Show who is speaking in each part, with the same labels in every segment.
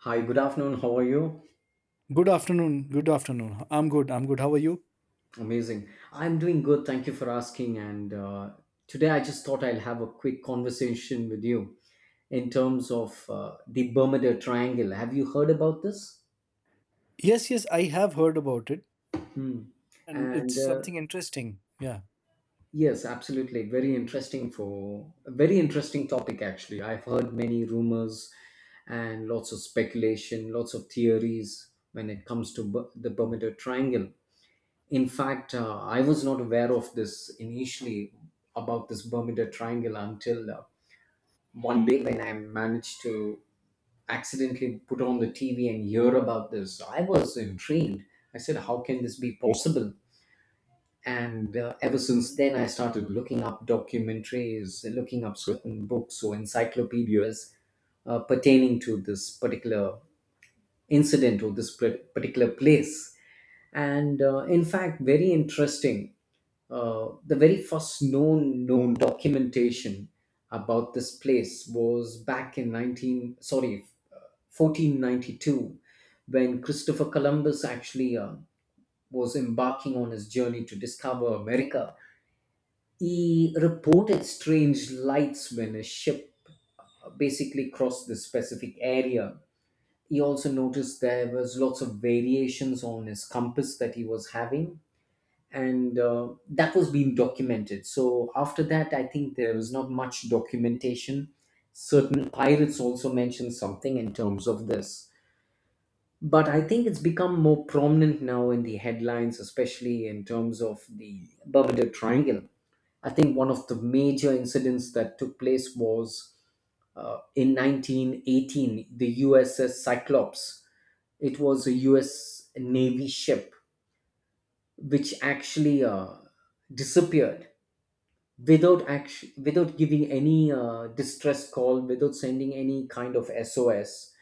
Speaker 1: Hi, good afternoon. How are you?
Speaker 2: Good afternoon. Good afternoon. I'm good. I'm good. How are you?
Speaker 1: Amazing. I'm doing good. Thank you for asking. And Today I just thought I'll have a quick conversation with you in terms of the Bermuda Triangle. Have you heard about this?
Speaker 2: Yes, yes, I have heard about it,
Speaker 1: Hmm.
Speaker 2: and it's
Speaker 1: And
Speaker 2: something interesting. Yeah.
Speaker 1: Yes, absolutely. Very interesting for a very interesting topic, actually. I've heard many rumors and lots of speculation, lots of theories when it comes to the Bermuda Triangle. In fact, I was not aware of this initially about this Bermuda Triangle until one day when I managed to accidentally put on the TV and hear about this. I was intrigued. I said, "How can this be possible?" And Ever since then, I started looking up documentaries, looking up certain books or encyclopedias pertaining to this particular incident or this particular place. And in fact, very interesting. The very first known documentation about this place was back in 19 sorry uh, 1492, when Christopher Columbus actually was embarking on his journey to discover America. He reported strange lights when his ship basically crossed this specific area. He also noticed there was lots of variations on his compass that he was having, and that was being documented. So after that, I think there was not much documentation. Certain pirates also mentioned something in terms of this. But I think it's become more prominent now in the headlines, especially in terms of the Bermuda Triangle. I think one of the major incidents that took place was in 1918, the USS Cyclops. It was a US Navy ship which actually disappeared without action, without giving any distress call, without sending any kind of SOS.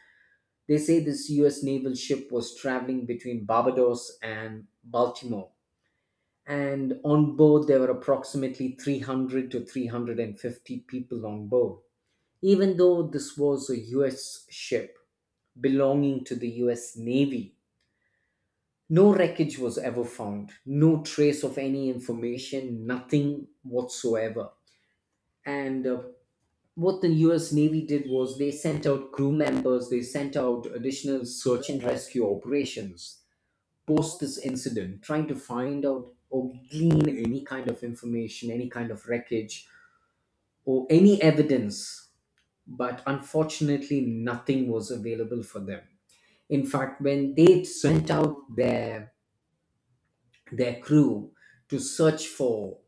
Speaker 1: They say this US naval ship was traveling between barbados and baltimore, and on board there were approximately 300 to 350 people on board. Even though this was a US ship belonging to the US navy, no wreckage was ever found, no trace of any information, nothing whatsoever. And what the US Navy did was they sent out crew members, they sent out additional search and rescue operations post this incident, trying to find out or glean any kind of information, any kind of wreckage, or any evidence. But unfortunately, nothing was available for them. In fact, when they sent out their crew to search for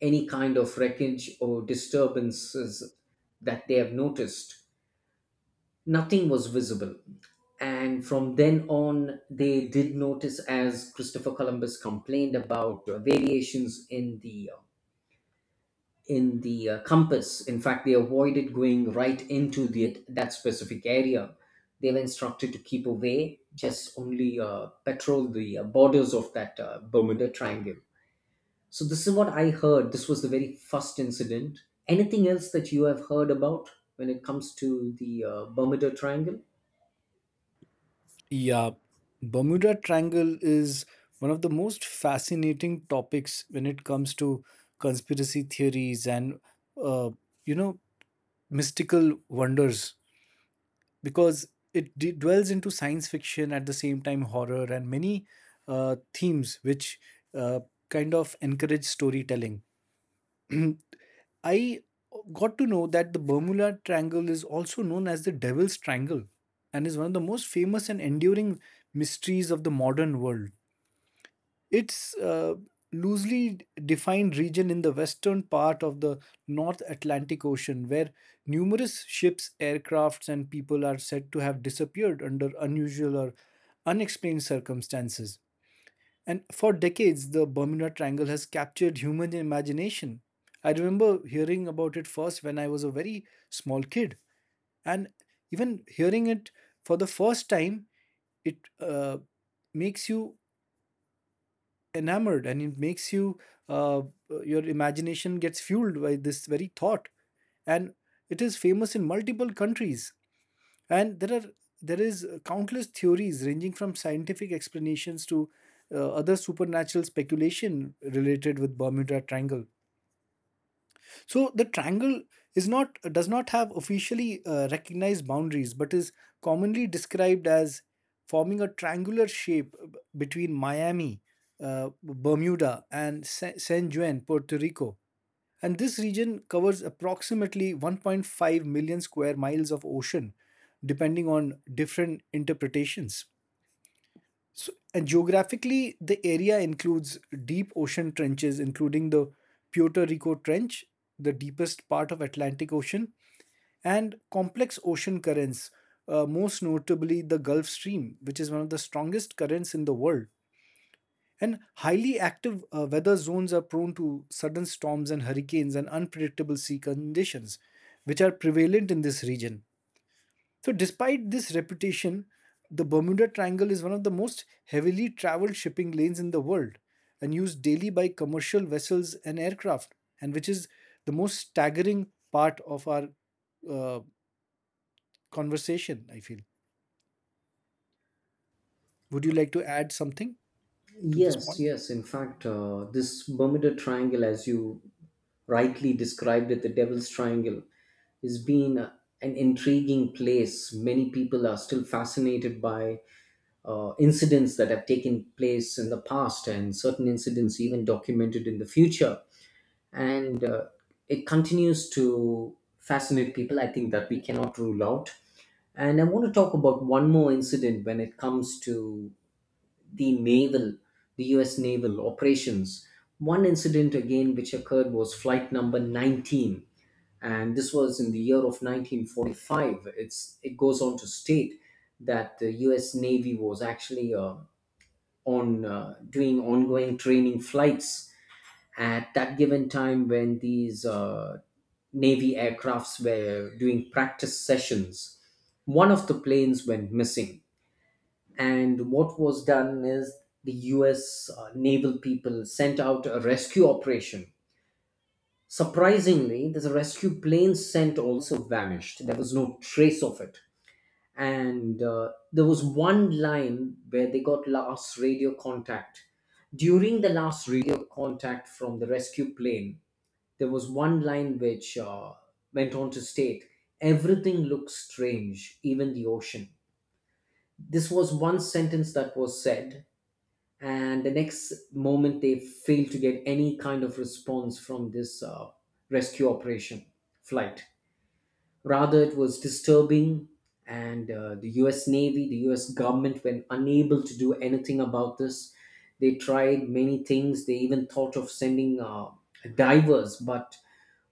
Speaker 1: any kind of wreckage or disturbances that they have noticed, nothing was visible. And from then on, they did notice, as Christopher Columbus complained about variations in the compass. In fact, they avoided going right into that specific area. They were instructed to keep away, just only patrol the borders of that Bermuda Triangle. So this is what I heard. This was the very first incident. Anything else that you have heard about when it comes to the Bermuda Triangle?
Speaker 2: Yeah. Bermuda Triangle is one of the most fascinating topics when it comes to conspiracy theories and, uh, you know, mystical wonders because it dwells into science fiction at the same time, horror, and many themes which uh, kind of encourage storytelling. I got to know that the Bermuda Triangle is also known as the Devil's Triangle and is one of the most famous and enduring mysteries of the modern world. It's a loosely defined region in the western part of the North Atlantic Ocean where numerous ships, aircrafts, and people are said to have disappeared under unusual or unexplained circumstances. And for decades, the Bermuda Triangle has captured human imagination. I remember hearing about it first when I was a very small kid, and even hearing it for the first time, it makes you enamored, and it makes you uh, your imagination gets fueled by this very thought, and it is famous in multiple countries, and there is countless theories ranging from scientific explanations to other supernatural speculation related with Bermuda Triangle. So the triangle is not does not have officially recognized boundaries, but is commonly described as forming a triangular shape between Miami, Bermuda, and San Juan, Puerto Rico. And this region covers approximately 1.5 million square miles of ocean, depending on different interpretations. So, and geographically, the area includes deep ocean trenches, including the Puerto Rico Trench, the deepest part of Atlantic Ocean, and complex ocean currents, most notably the Gulf Stream, which is one of the strongest currents in the world. And highly active weather zones are prone to sudden storms and hurricanes and unpredictable sea conditions, which are prevalent in this region. So, despite this reputation, the Bermuda Triangle is one of the most heavily traveled shipping lanes in the world and used daily by commercial vessels and aircraft, and which is the most staggering part of our uh, conversation, I feel. Would you like to add something to this
Speaker 1: Yes,
Speaker 2: point?
Speaker 1: yes. In fact, this Bermuda Triangle, as you rightly described it, the Devil's Triangle, has been an intriguing place. Many people are still fascinated by incidents that have taken place in the past and certain incidents even documented in the future. And it continues to fascinate people. I think that we cannot rule out. And I want to talk about one more incident when it comes to the naval, the US naval operations. One incident again which occurred was flight number 19, and this was in the year of 1945. It goes on to state that the US Navy was actually on doing ongoing training flights at that given time when these Navy aircrafts were doing practice sessions. One of the planes went missing, and what was done is the US naval people sent out a rescue operation. Surprisingly, the rescue plane sent also vanished. There was no trace of it. And There was one line where they got last radio contact. During the last radio contact from the rescue plane, there was one line which went on to state, "Everything looks strange, even the ocean." This was one sentence that was said, and the next moment they fail to get any kind of response from this rescue operation flight. Rather, it was disturbing, and the US Navy, the US government were unable to do anything about this. They tried many things. They even thought of sending divers, but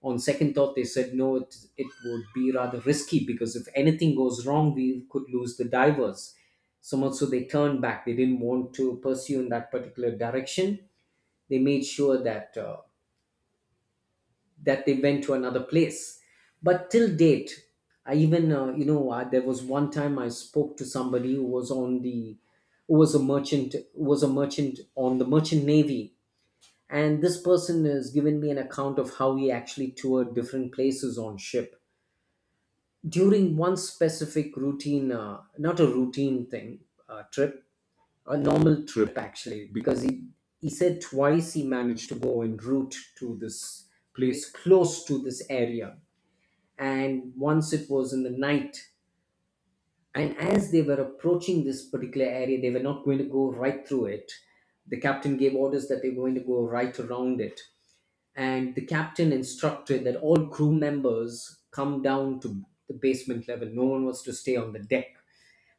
Speaker 1: on second thought, they said no, it would be rather risky because if anything goes wrong, we could lose the divers. So much so they turned back. They didn't want to pursue in that particular direction. They made sure that they went to another place. But till date, I even there was one time I spoke to somebody who was on the who was a merchant on the merchant navy. And this person has given me an account of how he actually toured different places on ship during one specific routine not a routine thing trip, a normal trip actually. Because he said twice he managed to go en route to this place close to this area. And once it was in the night, and as they were approaching this particular area, they were not going to go right through it. The captain gave orders that they were going to go right around it, and the captain instructed that all crew members come down to the basement level. No one was to stay on the deck.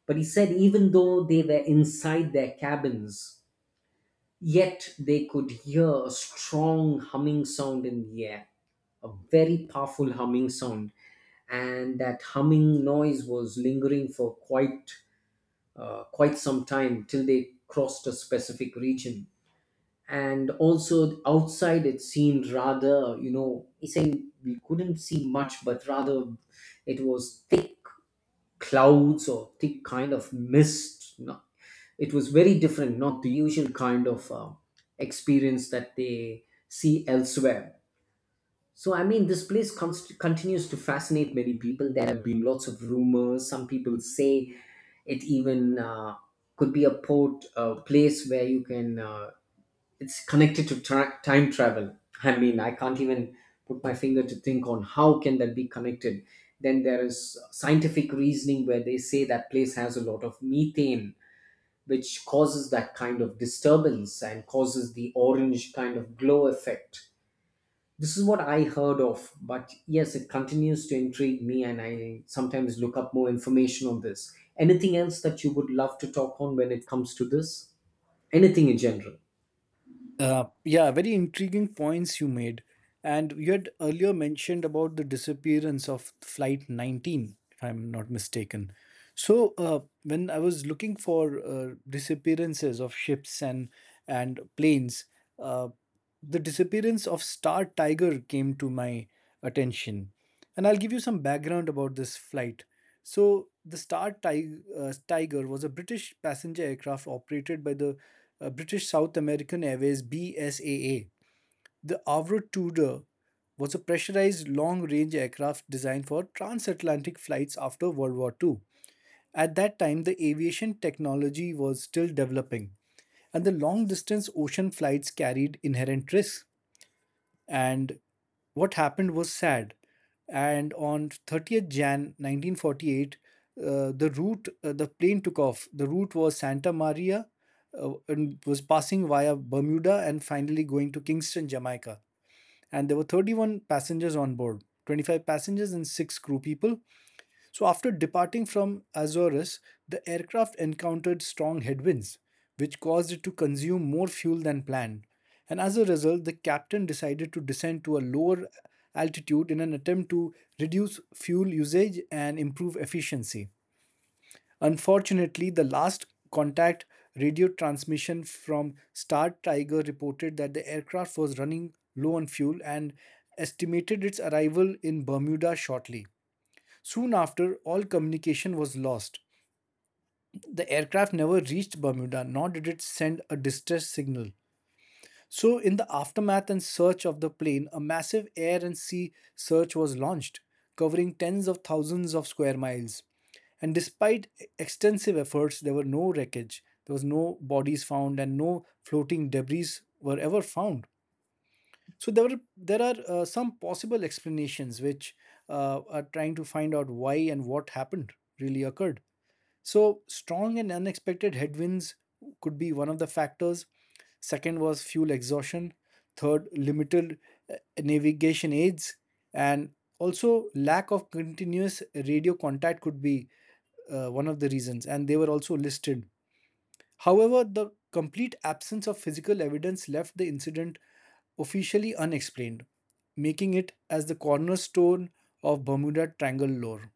Speaker 1: But he said even though they were inside their cabins, yet they could hear a strong humming sound in the air, a very powerful humming sound. And that humming noise was lingering for quite some time till they crossed a specific region. And also outside it seemed rather, you know, he's saying we couldn't see much, but rather it was thick clouds or thick kind of mist. No, it was very different, not the usual kind of experience that they see elsewhere. So, I mean, this place continues to fascinate many people. There have been lots of rumors. Some people say it even could be a port, a place where you it's connected to time travel. I mean, I can't even put my finger to think on how can that be connected. Then there is scientific reasoning where they say that place has a lot of methane, which causes that kind of disturbance and causes the orange kind of glow effect. This is what I heard of, but yes, it continues to intrigue me, and I sometimes look up more information on this. Anything else that you would love to talk on when it comes to this? Anything in general?
Speaker 2: Yeah, very intriguing points you made. And you had earlier mentioned about the disappearance of Flight 19, if I'm not mistaken. So, when I was looking for disappearances of ships and planes, uh, the disappearance of Star Tiger came to my attention. And I'll give you some background about this flight. So, the Star Tiger was a British passenger aircraft operated by the British South American Airways BSAA. The Avro Tudor was a pressurized long range aircraft designed for transatlantic flights after World War II. At that time, the aviation technology was still developing, and the long distance ocean flights carried inherent risks, and what happened was sad. And on 30th January 1948, uh, the plane took off. The route was Santa Maria, and was passing via Bermuda and finally going to Kingston, Jamaica. And there were 31 passengers on board, 25 passengers and six crew people. So, after departing from Azores, the aircraft encountered strong headwinds, which caused it to consume more fuel than planned. And as a result, the captain decided to descend to a lower altitude in an attempt to reduce fuel usage and improve efficiency. Unfortunately, the last contact radio transmission from Star Tiger reported that the aircraft was running low on fuel and estimated its arrival in Bermuda shortly. Soon after, all communication was lost. The aircraft never reached Bermuda, nor did it send a distress signal. So, in the aftermath and search of the plane, a massive air and sea search was launched, covering tens of thousands of square miles. And despite extensive efforts, there were no wreckage, there was no bodies found, and no floating debris were ever found. So there are some possible explanations which are trying to find out why and what happened really occurred. So, strong and unexpected headwinds could be one of the factors. Second was fuel exhaustion. Third, limited navigation aids. And also, lack of continuous radio contact could be one of the reasons, and they were also listed. However, the complete absence of physical evidence left the incident officially unexplained, making it as the cornerstone of Bermuda Triangle lore.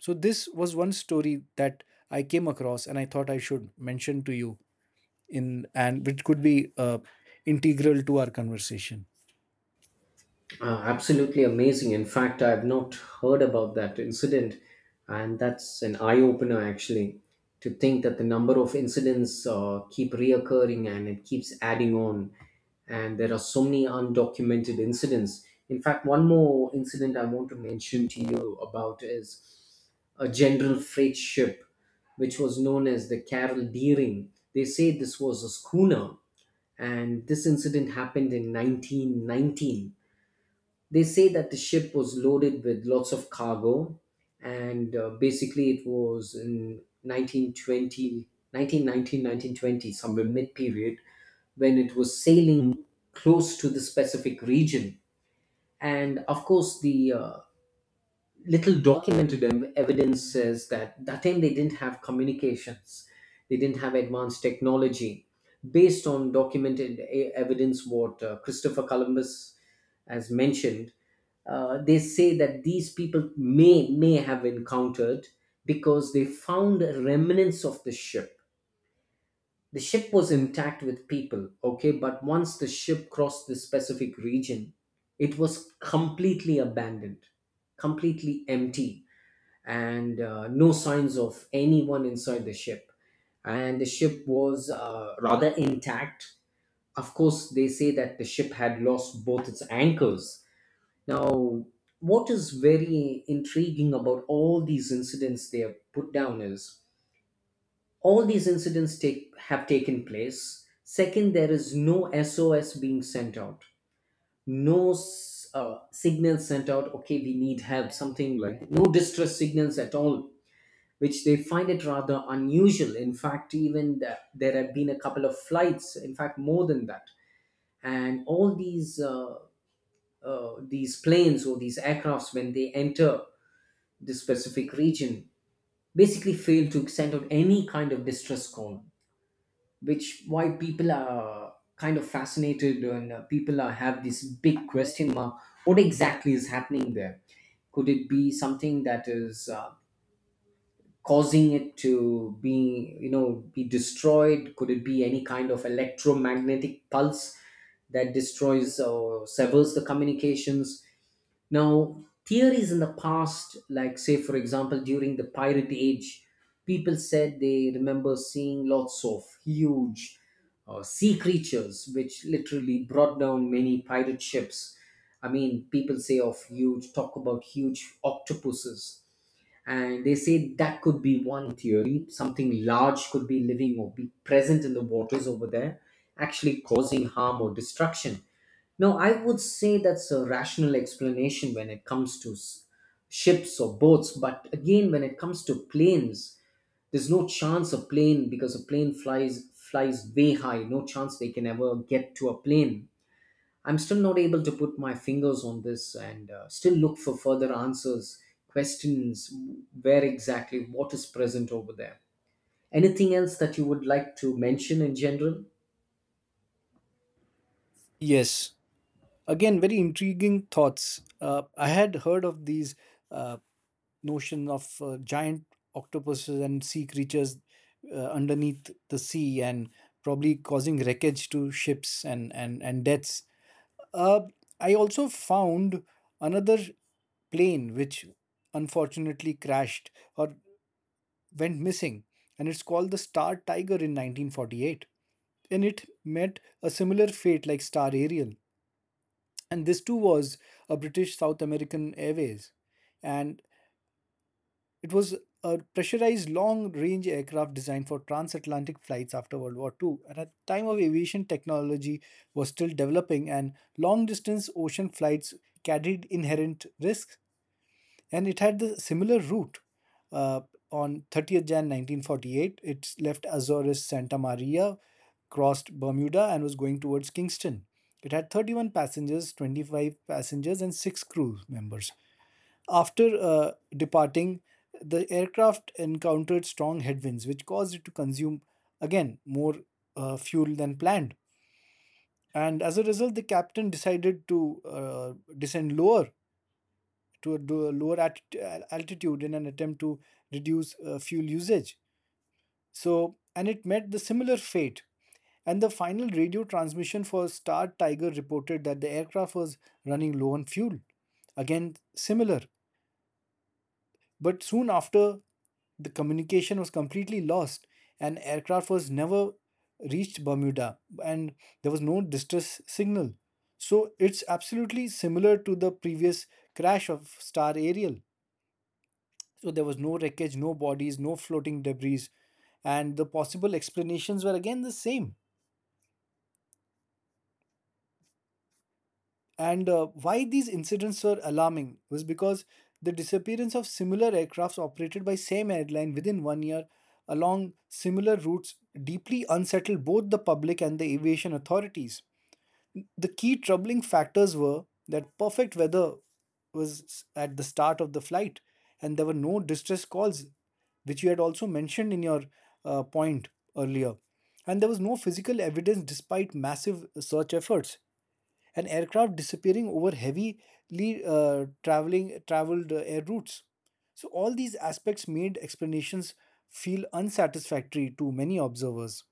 Speaker 2: So, this was one story that I came across and I thought I should mention to you, in and which could be integral to our conversation.
Speaker 1: Absolutely amazing. In fact, I've not heard about that incident, and that's an eye opener actually, to think that the number of incidents keep reoccurring and it keeps adding on, and there are so many undocumented incidents. In fact, one more incident I want to mention to you about is a general freight ship, which was known as the Carol Deering. They say this was a schooner, and this incident happened in 1919. They say that the ship was loaded with lots of cargo, and basically it was in 1920, 1919, 1920, somewhere mid period, when it was sailing close to the specific region. And of course, the little documented evidence says that that time they didn't have communications, they didn't have advanced technology. Based on documented evidence, what Christopher Columbus has mentioned, they say that these people may have encountered, because they found remnants of the ship. The ship was intact with people, okay, but once the ship crossed this specific region, it was completely abandoned, completely empty, and no signs of anyone inside the ship. And the ship was rather intact. Of course, they say that the ship had lost both its anchors. Now, what is very intriguing about all these incidents they have put down is all these incidents take have taken place second there is no sos being sent out, no signal sent out, okay, we need help, something like no distress signals at all, which they find it rather unusual. In fact, even there have been a couple of flights, in fact more than that, and all these planes or these aircrafts, when they enter this specific region, basically fail to send out any kind of distress call, which why people are kind of fascinated. And people are, have this big question mark, what exactly is happening there? Could it be something that is causing it to be, you know, be destroyed? Could it be any kind of electromagnetic pulse that destroys or severs the communications? Now, theories in the past, like say for example during the pirate age, people said they remember seeing lots of huge sea creatures which literally brought down many pirate ships. I mean, people say of huge talk about huge octopuses, and they say that could be one theory, something large could be living or be present in the waters over there, actually causing harm or destruction. Now I would say that's a rational explanation when it comes to ships or boats, but again when it comes to planes, there's no chance a plane, because a plane flies way high, no chance they can ever get to a plane. I'm still not able to put my fingers on this and still look for further answers, questions, where exactly what is present over there. Anything else that you would like to mention in general?
Speaker 2: Yes, again, very intriguing thoughts. I had heard of these uh, notion of giant octopuses and sea creatures underneath the sea and probably causing wreckage to ships and deaths. Uh, I also found another plane which unfortunately crashed or went missing, and it's called the Star Tiger in 1948. And it met a similar fate like Star Ariel. And this too was a British South American Airways. And it was a pressurized long range aircraft designed for transatlantic flights after World War II. And at the time of aviation technology was still developing, and long distance ocean flights carried inherent risks, and it had the similar route. Uh, on 30th January 1948, it left Azores Santa Maria, crossed Bermuda and was going towards Kingston. It had 31 passengers, 25 passengers, and 6 crew members. After departing, the aircraft encountered strong headwinds, which caused it to consume again more fuel than planned. And as a result, the captain decided to descend lower to a lower altitude in an attempt to reduce fuel usage. So, and it met the similar fate. And the final radio transmission for Star Tiger reported that the aircraft was running low on fuel. Again, similar. But soon after, the communication was completely lost, and aircraft was never reached Bermuda, and there was no distress signal. So it's absolutely similar to the previous crash of Star Ariel. So there was no wreckage, no bodies, no floating debris, and the possible explanations were again the same. And why these incidents were alarming was because the disappearance of similar aircrafts operated by same airline within one year along similar routes deeply unsettled both the public and the aviation authorities. The key troubling factors were that perfect weather was at the start of the flight, and there were no distress calls, which you had also mentioned in your point earlier. And there was no physical evidence despite massive search efforts and aircraft disappearing over heavily traveling traveled air routes. So all these aspects made explanations feel unsatisfactory to many observers.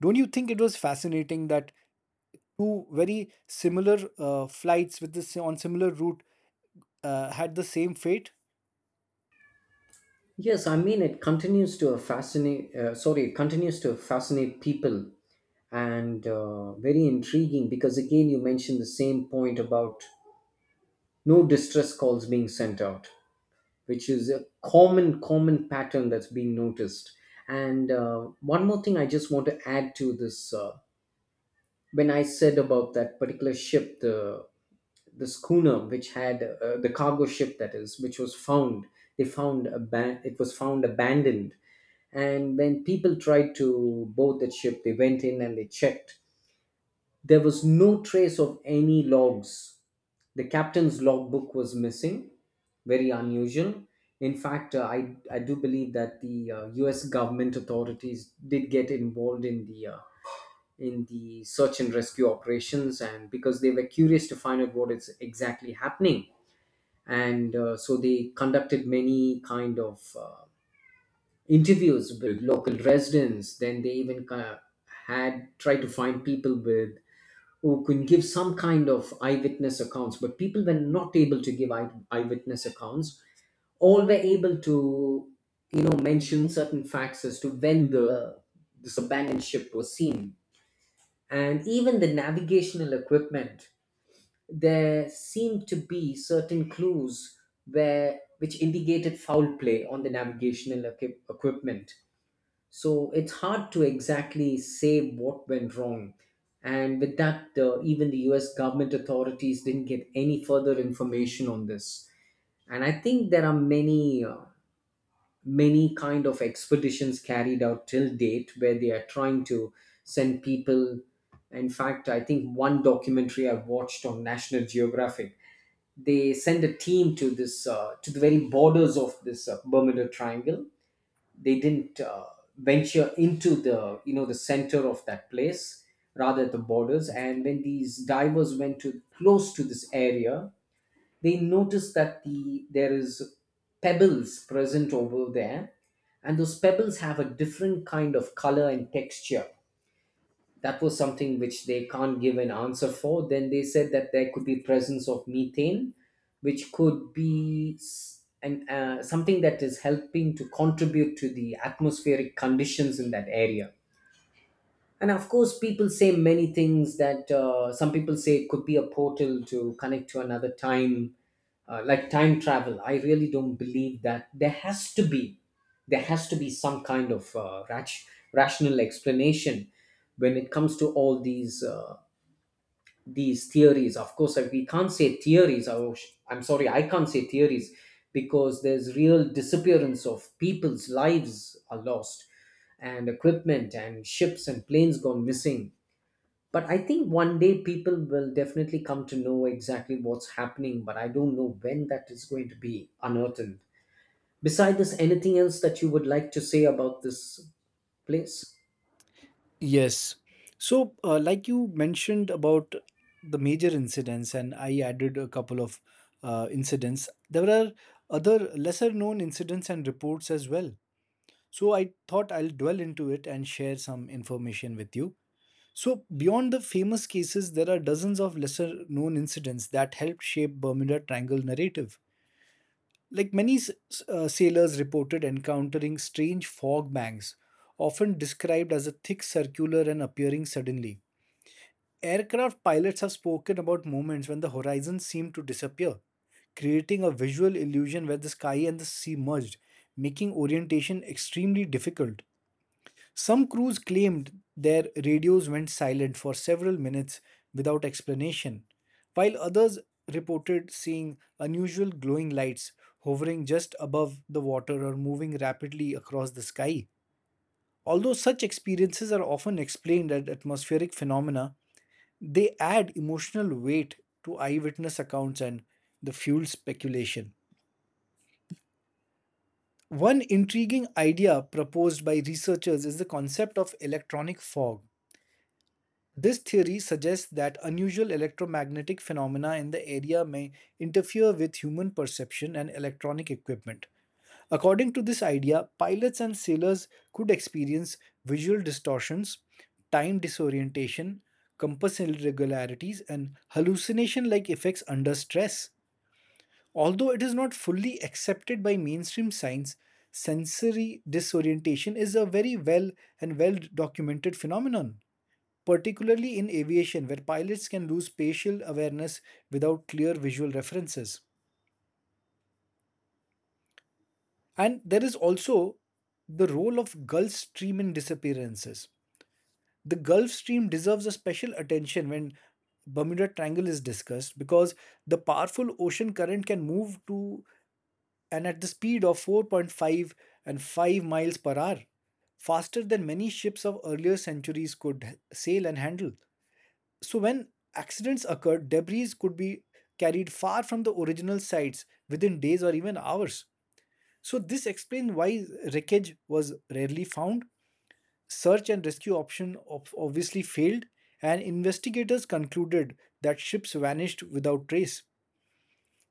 Speaker 2: Don't you think it was fascinating that two very similar flights on similar route had the same fate?
Speaker 1: Yes, I mean it continues to fascinate. Sorry, it continues to fascinate people, and very intriguing because again you mentioned the same point about no distress calls being sent out, which is a common pattern that's been noticed. And one more thing I just want to add to this, when I said about that particular ship, the schooner which had the cargo ship, that is, which was found, they it was found abandoned, and when people tried to board that ship, they went in and they checked, there was no trace of any logs. The captain's logbook was missing, very unusual. In fact, I do believe that the US government authorities did get involved in the search and rescue operations, and because they were curious to find out what is exactly happening. And so they conducted many kind of interviews with local residents. Then they even kind of had tried to find people with who can give some kind of eyewitness accounts, but people were not able to give eyewitness accounts. All were able to, you know, mention certain facts as to when the this abandoned ship was seen, and even the navigational equipment. There seemed to be certain clues where which indicated foul play on the navigational equipment, so it's hard to exactly say what went wrong. And with that, even the US government authorities didn't get any further information on this. And I think there are many, many kind of expeditions carried out till date where they are trying to send people. In fact, I think one documentary I watched on National Geographic, they send a team to this, to the very borders of this Bermuda Triangle. They didn't venture into the, you know, the center of that place, rather at the borders. And when these divers went to close to this area, they noticed that there is pebbles present over there, and those pebbles have a different kind of color and texture. That was something which they can't give an answer for. Then they said that there could be presence of methane, which could be something that is helping to contribute to the atmospheric conditions in that area. And of course, people say many things, that some people say it could be a portal to connect to another time, like time travel. I really don't believe that. There has to be some kind of rational explanation when it comes to all these theories. Of course, we can't say theories. I'm sorry, I can't say theories, because there's real disappearance of people's lives are lost, and equipment and ships and planes gone missing. But I think one day people will definitely come to know exactly what's happening, but I don't know when that is going to be unearthed. Besides this, anything else that you would like to say about this place?
Speaker 2: Yes. So, like you mentioned about the major incidents, and I added a couple of incidents. There are other lesser known incidents and reports as well. So I thought I'll dwell into it and share some information with you. So, beyond the famous cases, there are dozens of lesser known incidents that helped shape Bermuda Triangle narrative. Like many sailors reported encountering strange fog banks, often described as a thick circular and appearing suddenly. Aircraft pilots have spoken about moments when the horizon seemed to disappear, creating a visual illusion where the sky and the sea merged, making orientation extremely difficult. Some crews claimed their radios went silent for several minutes without explanation, while others reported seeing unusual glowing lights hovering just above the water or moving rapidly across the sky. Although such experiences are often explained as atmospheric phenomena, they add emotional weight to eyewitness accounts and the fuel speculation. One intriguing idea proposed by researchers is the concept of electronic fog. This theory suggests that unusual electromagnetic phenomena in the area may interfere with human perception and electronic equipment. According to this idea, pilots and sailors could experience visual distortions, time disorientation, compass irregularities, and hallucination like effects under stress. Although it is not fully accepted by mainstream science, sensory disorientation is a very well and well documented phenomenon, particularly in aviation, where pilots can lose spatial awareness without clear visual references. And there is also the role of Gulf Stream in disappearances. The Gulf Stream deserves a special attention when Bermuda Triangle is discussed because the powerful ocean current can move to and at the speed of 4.5 and 5 miles per hour, faster than many ships of earlier centuries could sail and handle. So when accidents occurred, debris could be carried far from the original sites within days or even hours. So this explains why wreckage was rarely found. Search and rescue option obviously failed, and investigators concluded that ships vanished without trace.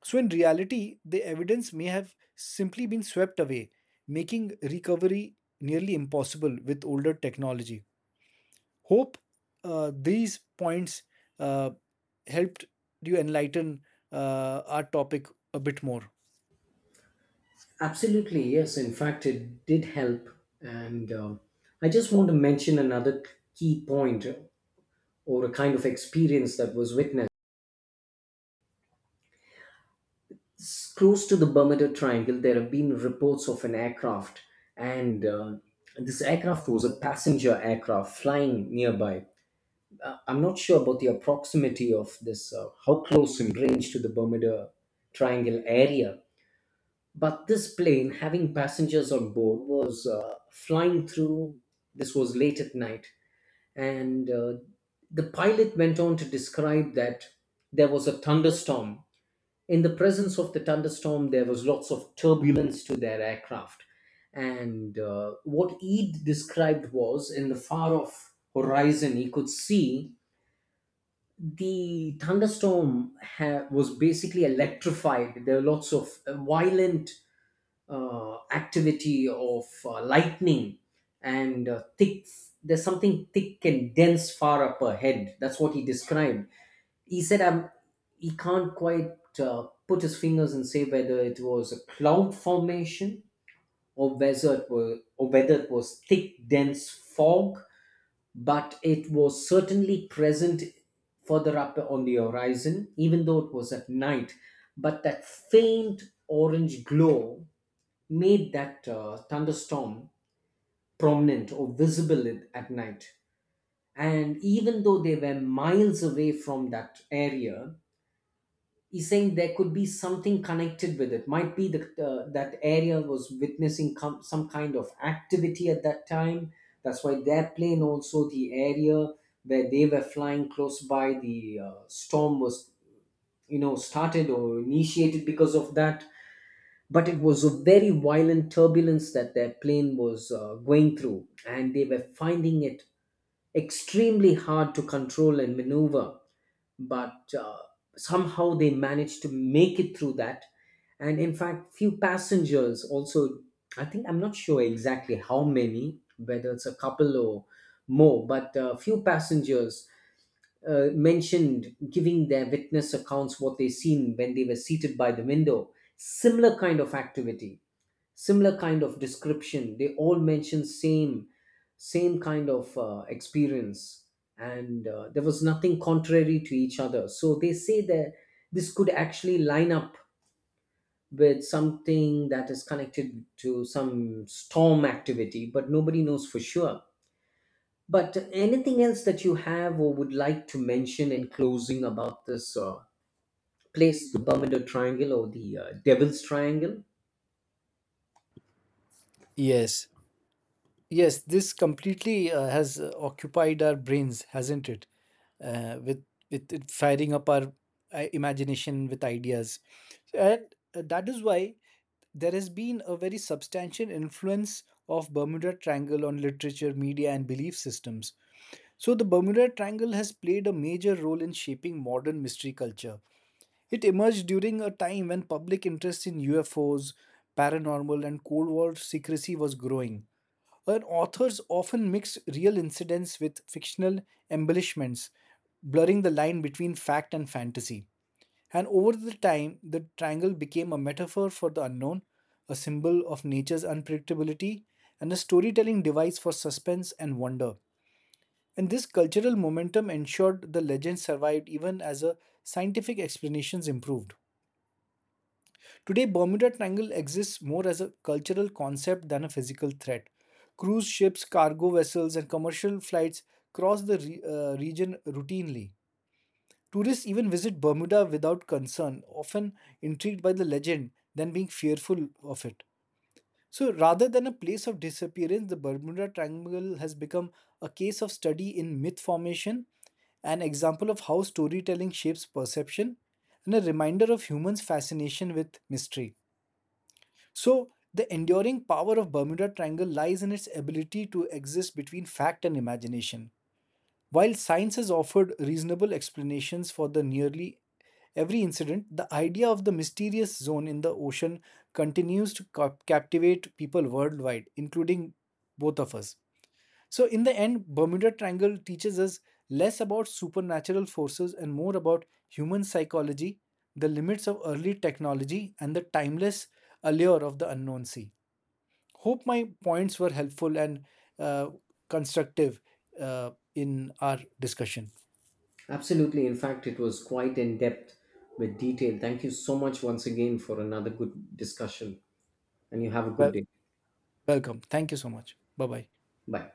Speaker 2: So in reality, the evidence may have simply been swept away, making recovery nearly impossible with older technology. Hope these points uh, helped you enlighten our topic a bit more.
Speaker 1: Absolutely, yes. In fact, it did help. And I just want to mention another key point or a kind of experience that was witnessed. Close to the Bermuda Triangle, there have been reports of an aircraft, and this aircraft was a passenger aircraft flying nearby. I'm not sure about the proximity of this, how close in range to the Bermuda Triangle area. But this plane, having passengers on board, was flying through. This was late at night. And the pilot went on to describe that there was a thunderstorm. In the presence of the thunderstorm, there was lots of turbulence to their aircraft. And what he described was in the far off horizon, he could see the was basically electrified. There were lots of violent activity of lightning and thick. There's something thick and dense far up ahead. That's what he described. He said, "I'm." He can't quite put his fingers and say whether it was a cloud formation, or whether it was thick, dense fog, but it was certainly present further up on the horizon, even though it was at night. But that faint orange glow made that thunderstorm prominent or visible at night. And even though they were miles away from that area, he's saying there could be something connected with it. Might be that that area was witnessing some kind of activity at that time. That's why their plane also, the area where they were flying close by, the storm was, you know, started or initiated because of that. But it was a very violent turbulence that their plane was going through, and they were finding it extremely hard to control and maneuver. But somehow they managed to make it through that. And in fact, few passengers also, I think, I'm not sure exactly how many, whether it's a couple or more, but few passengers mentioned giving their witness accounts what they seen when they were seated by the window. Similar kind of activity, similar kind of description, they all mention same same kind of experience, and there was nothing contrary to each other. So they say that this could actually line up with something that is connected to some storm activity, but nobody knows for sure. But anything else that you have or would like to mention in closing about this place, the Bermuda Triangle or the Devil's Triangle?
Speaker 2: Yes, yes, this completely has occupied our brains, hasn't it? Uh, with with it firing up our imagination with ideas, and that is why there has been a very substantial influence of Bermuda Triangle on literature, media, and belief systems. So the Bermuda Triangle has played a major role in shaping modern mystery culture. It emerged during a time when public interest in UFOs, paranormal, and Cold War secrecy was growing. Her authors often mixed real incidents with fictional embellishments, blurring the line between fact and fantasy. And over the time, the triangle became a metaphor for the unknown, a symbol of nature's unpredictability, and a storytelling device for suspense and wonder. And this cultural momentum ensured the legend survived even as a scientific explanations improved. Today, Bermuda Triangle exists more as a cultural concept than a physical threat. Cruise ships, cargo vessels, and commercial flights cross the region routinely. Tourists even visit Bermuda without concern, often intrigued by the legend than being fearful of it. So, rather than a place of disappearance, the Bermuda Triangle has become a case of study in myth formation, an example of how storytelling shapes perception, and a reminder of humans' fascination with mystery. So, the enduring power of Bermuda Triangle lies in its ability to exist between fact and imagination. While science has offered reasonable explanations for the nearly every incident, the idea of the mysterious zone in the ocean continues to captivate people worldwide, including both of us. So, in the end, Bermuda Triangle teaches us less about supernatural forces and more about human psychology, the limits of early technology, and the timeless allure of the unknown sea. Hope my points were helpful and uh, constructive in our discussion.
Speaker 1: Absolutely. In fact, it was quite in depth with detail. Thank you so much once again for another good discussion, and you have a good
Speaker 2: Well,
Speaker 1: day.
Speaker 2: welcome. Thank you so much. Bye bye.
Speaker 1: Bye.